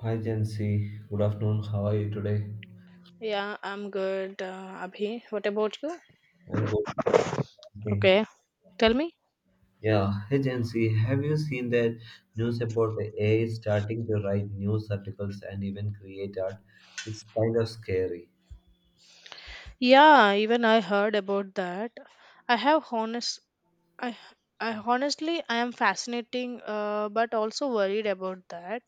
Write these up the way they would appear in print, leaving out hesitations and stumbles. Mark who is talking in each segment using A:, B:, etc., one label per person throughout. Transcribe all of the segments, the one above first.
A: Hi Jency, good afternoon. How are you today?
B: Yeah, I'm good, Abhi. What about you?
A: I'm good. Thank.
B: Okay, tell me.
A: Yeah, hey Jency, have you seen that news about the AI starting to write news articles and even create art? It's kind of scary.
B: Yeah, even I heard about that. I have honest, I, I honestly, I am fascinating, but also worried about that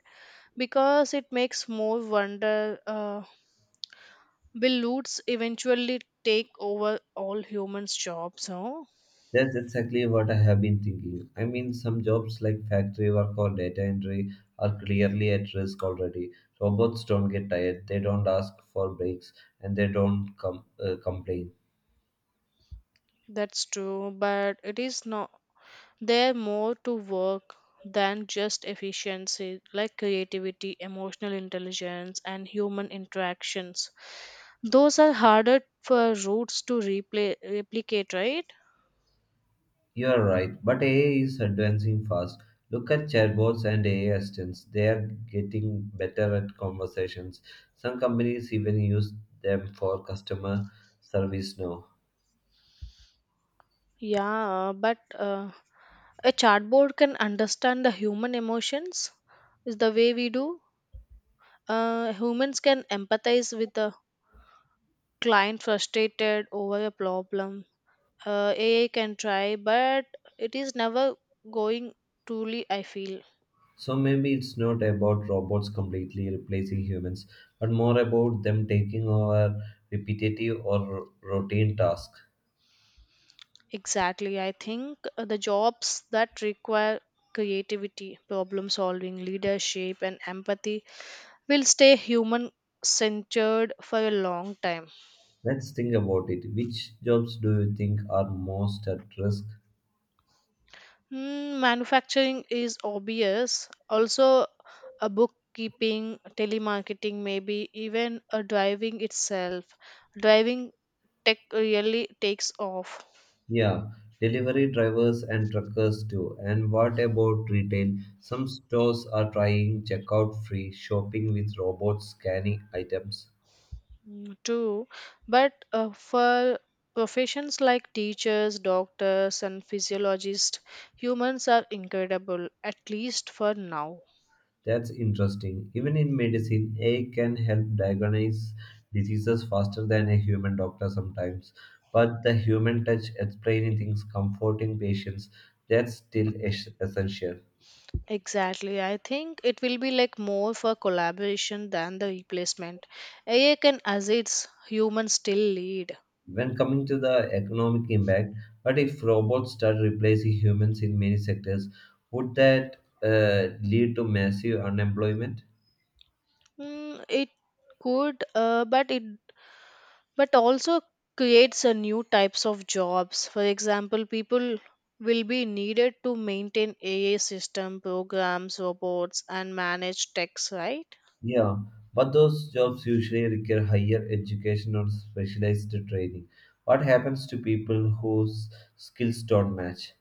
B: because it makes more wonder. Will loots eventually take over all humans' jobs? No,
A: That's exactly what I have been thinking. I mean, some jobs like factory work or data entry are clearly at risk already. Robots don't get tired, they don't ask for breaks, and they don't complain.
B: that's true, but it is not. They're more to work than just efficiency, like creativity, emotional intelligence, and human interactions. Those are harder for roots to repla replicate, right?
A: You're right, but AI is advancing fast. Look at chatbots and AI assistants. They are getting better at conversations. Some companies even use them for customer service now.
B: Yeah, but a chatbot can understand the human emotions, is the way we do. Humans can empathize with the client frustrated over a problem. AI can try, but it is never going truly, I feel.
A: So maybe it's not about robots completely replacing humans, but more about them taking over repetitive or routine tasks.
B: Exactly. I think the jobs that require creativity, problem solving, leadership, and empathy will stay human centered for a long time.
A: Let's think about it. Which jobs do you think are most at risk?
B: Mm, manufacturing is obvious. Also, a bookkeeping, telemarketing, maybe even a driving itself. Driving tech really takes off.
A: Yeah, delivery drivers and truckers too. And what about retail? Some stores are trying checkout free shopping with robots scanning items.
B: Mm. True, but for professions like teachers, doctors, and physiologists, humans are incredible, at least for now.
A: That's interesting. Even in medicine, AI can help diagnose diseases faster than a human doctor sometimes. But the human touch, explaining things, comforting patients, that's still essential.
B: Exactly. I think it will be like more for collaboration than the replacement. AI can assist humans still lead.
A: When coming to the economic impact, but if robots start replacing humans in many sectors, would that lead to massive unemployment?
B: Mm, it could, but also creates a new types of jobs, for example people will be needed to maintain AI system programs robots and manage techs, right?
A: Yeah, but those jobs usually require higher education or specialized training. What happens to people whose skills don't match?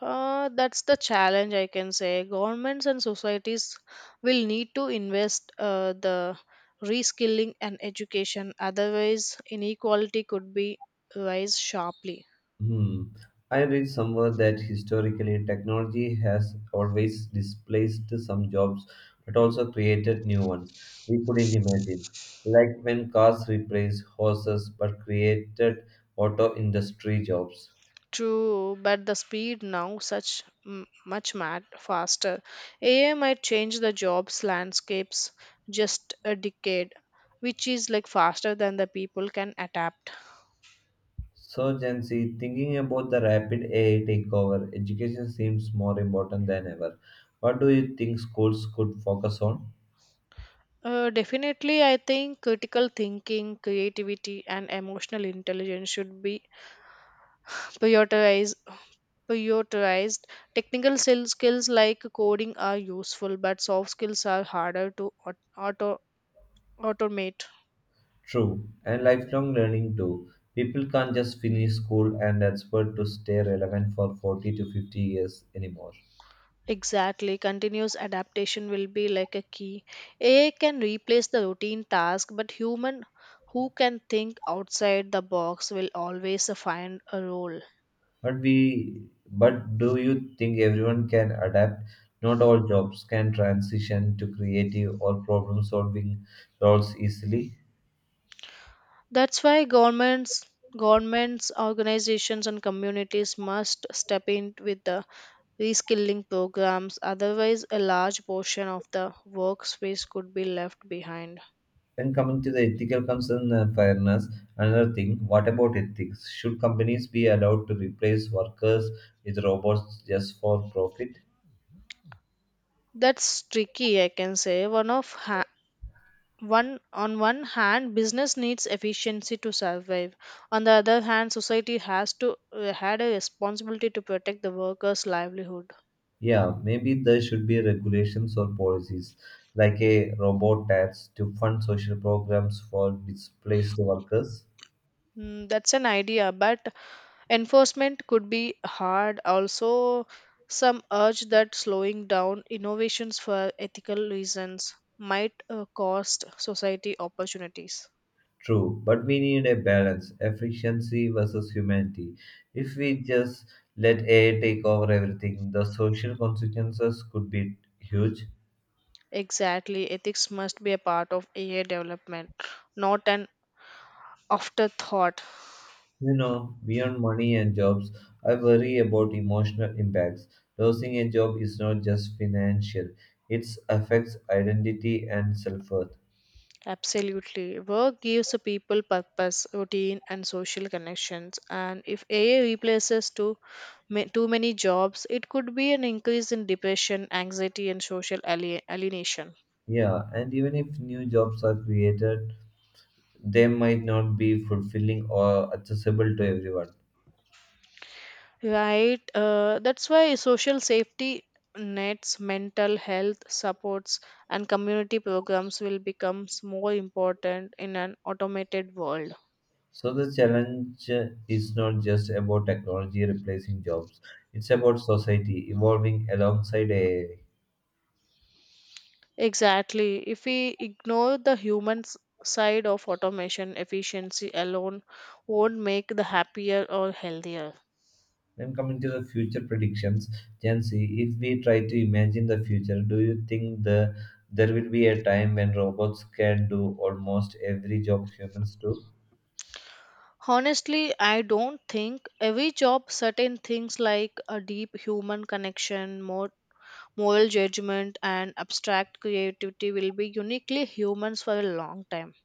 B: That's the challenge, I can say. Governments and societies will need to invest the reskilling and education, otherwise inequality could be rise sharply.
A: Hmm. I read somewhere that historically technology has always displaced some jobs but also created new ones we couldn't imagine. Like when cars replaced horses but created auto industry jobs.
B: True, but the speed now such much mad faster. AI might change the jobs landscapes just a decade, which is like faster than the people can adapt.
A: So, Gen Z, thinking about the rapid AI takeover, education seems more important than ever. What do you think schools could focus on?
B: Definitely, I think critical thinking, creativity, and emotional intelligence should be prioritized. Prioritized technical skills like coding are useful, but soft skills are harder to automate.
A: True, and lifelong learning too. People can't just finish school and expect to stay relevant for 40 to 50 years anymore.
B: Exactly. Continuous adaptation will be like a key. AI can replace the routine task, but human who can think outside the box will always find a role.
A: But do you think everyone can adapt? Not all jobs can transition to creative or problem-solving roles easily.
B: That's why governments, organizations and communities must step in with the reskilling programs, otherwise a large portion of the workspace could be left behind.
A: When coming to the ethical concern and fairness, another thing, what about ethics? Should companies be allowed to replace workers with robots just for profit?
B: That's tricky, I can say. One of ha- one on one hand business needs efficiency to survive, on the other hand society has to had a responsibility to protect the workers livelihood.
A: Yeah, maybe there should be regulations or policies like a robot tax to fund social programs for displaced workers.
B: Mm, that's an idea, but enforcement could be hard. Also, some urge that slowing down innovations for ethical reasons might cost society opportunities.
A: True, but we need a balance, efficiency versus humanity. If we just let AI take over everything, the social consequences could be huge.
B: Exactly, ethics must be a part of AI development, not an afterthought.
A: You know, beyond money and jobs, I worry about emotional impacts. Losing a job is not just financial, it affects identity and self worth.
B: Absolutely. Work gives a people purpose, routine, and social connections. And if AI replaces too, too many jobs, it could be an increase in depression, anxiety, and social alienation.
A: Yeah, and even if new jobs are created, they might not be fulfilling or accessible to everyone.
B: Right? That's why social safety nets, mental health supports, and community programs will become more important in an automated world.
A: So the challenge, is not just about technology replacing jobs, it's about society evolving alongside AI.
B: Exactly. If we ignore the human side of automation, efficiency alone won't make the happier or healthier.
A: Then coming to the future predictions, Gen Z, if we try to imagine the future, do you think there will be a time when robots can do almost every job humans do?
B: Honestly, I don't think every job certain things like a deep human connection, more moral judgment and abstract creativity will be uniquely humans for a long time.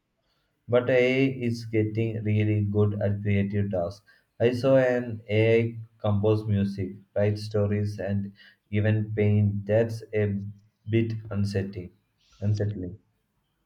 A: But AI is getting really good at creative tasks. I saw an AI compose music, write stories, and even paint. That's a bit unsettling.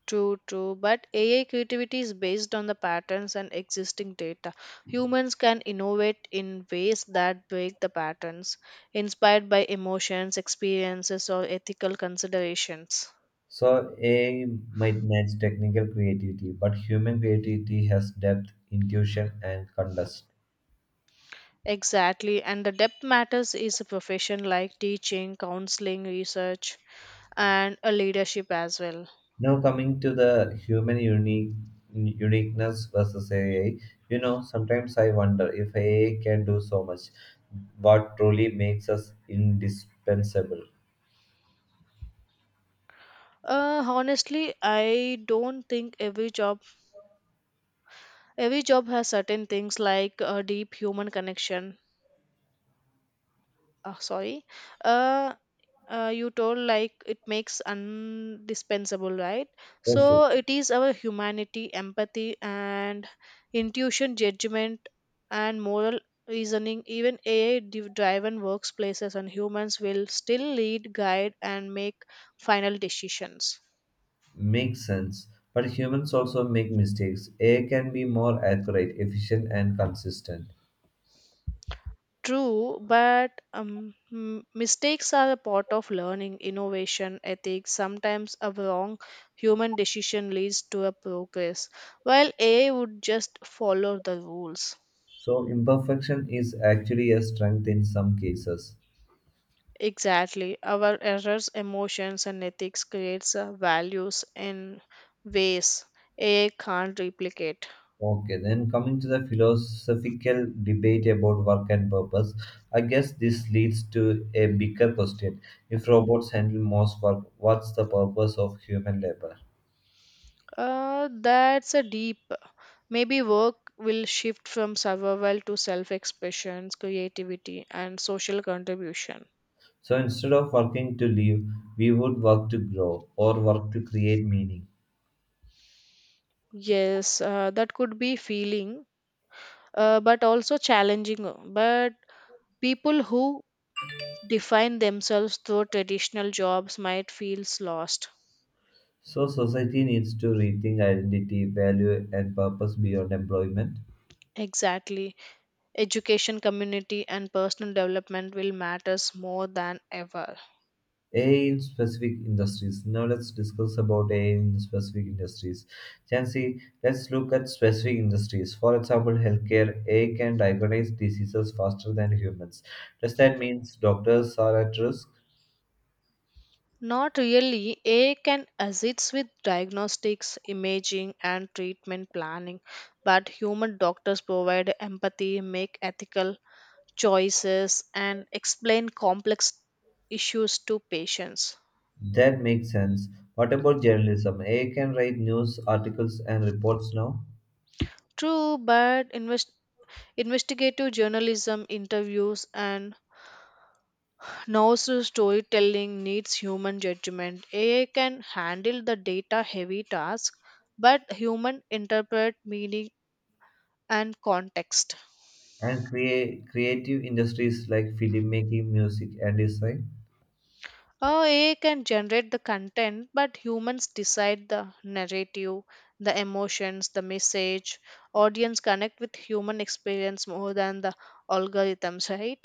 B: True, true. But AI creativity is based on the patterns and existing data. Humans can innovate in ways that break the patterns, inspired by emotions, experiences, or ethical considerations.
A: So AI might match technical creativity, but human creativity has depth, intuition, and context.
B: Exactly. And the depth matters is a profession like teaching, counseling, research, and a leadership as well.
A: Now coming to the human unique uniqueness versus AI, you know, sometimes I wonder if AI can do so much, what truly makes us indispensable.
B: Honestly, I don't think every job, has certain things like a deep human connection. Oh sorry, uh, you told like it makes undispensable, right?
A: Yes, yes,
B: So it is our humanity empathy and intuition judgment and moral reasoning. Even AI driven workplaces and humans will still lead guide and make final decisions.
A: makes sense. But humans also make mistakes. AI can be more accurate, efficient, and consistent.
B: True, but mistakes are a part of learning, innovation, ethics. Sometimes a wrong human decision leads to a progress, while AI would just follow the rules.
A: So imperfection is actually a strength in some cases.
B: Exactly. Our errors, emotions, and ethics creates values in ways AI can't replicate.
A: Okay, then coming to the philosophical debate about work and purpose, I guess this leads to a bigger question. If robots handle most work, what's the purpose of human labor?
B: That's a deep. Maybe work will shift from survival to self expression, creativity, and social contribution.
A: So instead of working to live, we would work to grow or work to create meaning.
B: Yes, that could be feeling, but also challenging. But People who define themselves through traditional jobs might feel lost.
A: So society needs to rethink identity, value, and purpose beyond employment.
B: Exactly. Education, community, and personal development will matters more than ever.
A: AI in specific industries. Now let's discuss about AI in specific industries. Chancy, let's look at specific industries. For example, healthcare, AI can diagnose diseases faster than humans. Does that mean doctors are at risk?
B: Not really. AI can assist with diagnostics, imaging, and treatment planning, but human doctors provide empathy, make ethical choices and explain complex issues to patients.
A: That makes sense. What about journalism? AI can write news articles and reports now.
B: True, but investigative journalism, interviews, and narrative storytelling needs human judgment. AI can handle the data-heavy task, but human interpret meaning and context.
A: And create creative industries like filmmaking, music, and design.
B: Oh, AI can generate the content, but humans decide the narrative, the emotions, the message. Audience connect with human experience more than the algorithms, right?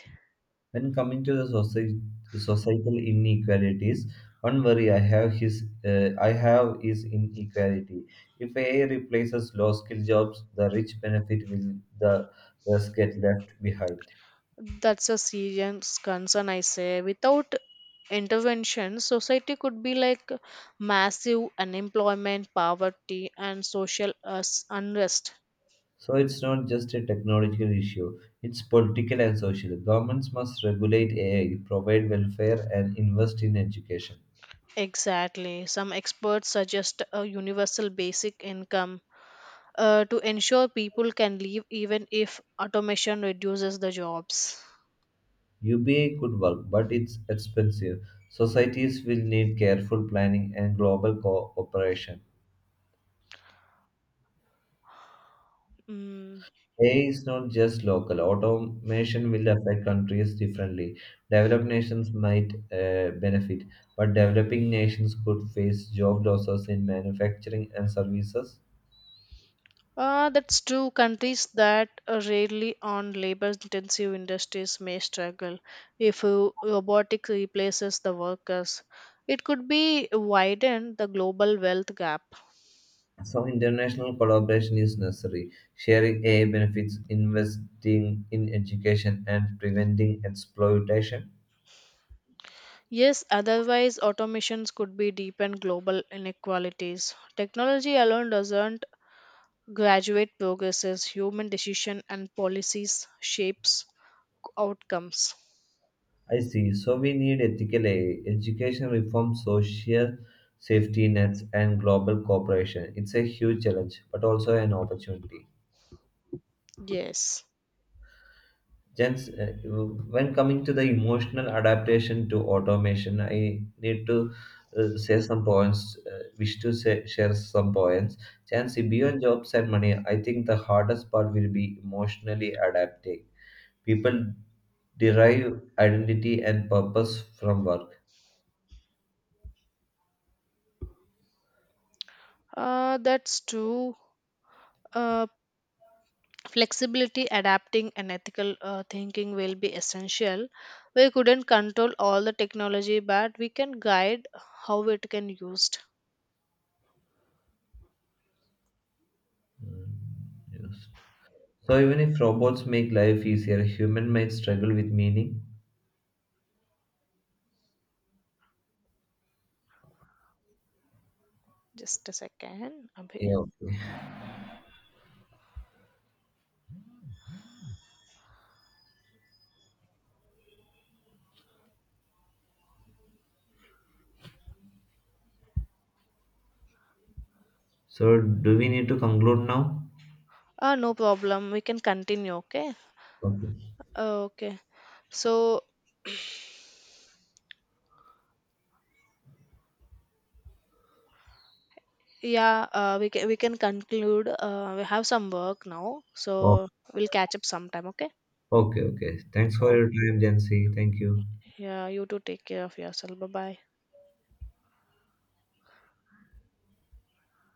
A: When coming to the societal inequalities, one worry I have is inequality. If AI replaces low-skill jobs, the rich benefit, will the less get left behind?
B: That's a serious concern, I say. Without intervention, society could be like massive unemployment, poverty, and social unrest.
A: So it's not just a technological issue; it's political and social. Governments must regulate AI, provide welfare, and invest in education.
B: Exactly. Some experts suggest a universal basic income to ensure people can leave even if automation reduces the jobs.
A: UBA could work, but it's expensive. Societies will need careful planning and global cooperation.
B: Mm.
A: AI is not just local. Automation will affect countries differently. Developed nations might benefit, but developing nations could face job losses in manufacturing and services.
B: That's true. Countries that rarely on labor-intensive industries may struggle if robotics replaces the workers. It could be widen the global wealth gap.
A: So, international collaboration is necessary. Sharing AI benefits, investing in education, and preventing exploitation.
B: Yes, otherwise automations could be deepen global inequalities. Technology alone doesn't graduate progresses, human decision and policies shapes outcomes.
A: I see. So, we need ethical AI, education reform, social safety nets, and global cooperation. It's a huge challenge, but also an opportunity.
B: Yes.
A: Jens, when coming to the emotional adaptation to automation, I need to say some points, wish to say, share some points. Jens, beyond jobs and money, I think the hardest part will be emotionally adapting. People derive identity and purpose from work.
B: That's true. uh, Flexibility adapting and ethical thinking will be essential. We couldn't control all the technology, but we can guide how it can used.
A: So even if robots make life easier, human might struggle with meaning.
B: Just a second, Abhi.
A: Yeah, okay. So do we need to conclude now?
B: No problem, we can continue. Okay.
A: Okay.
B: Okay, so yeah, we can conclude. We have some work now, so we'll catch up sometime. Okay.
A: Okay, okay. Thanks for
B: Okay.
A: your time, Jancy. Thank you.
B: Yeah. You too. Take care of yourself. Bye bye.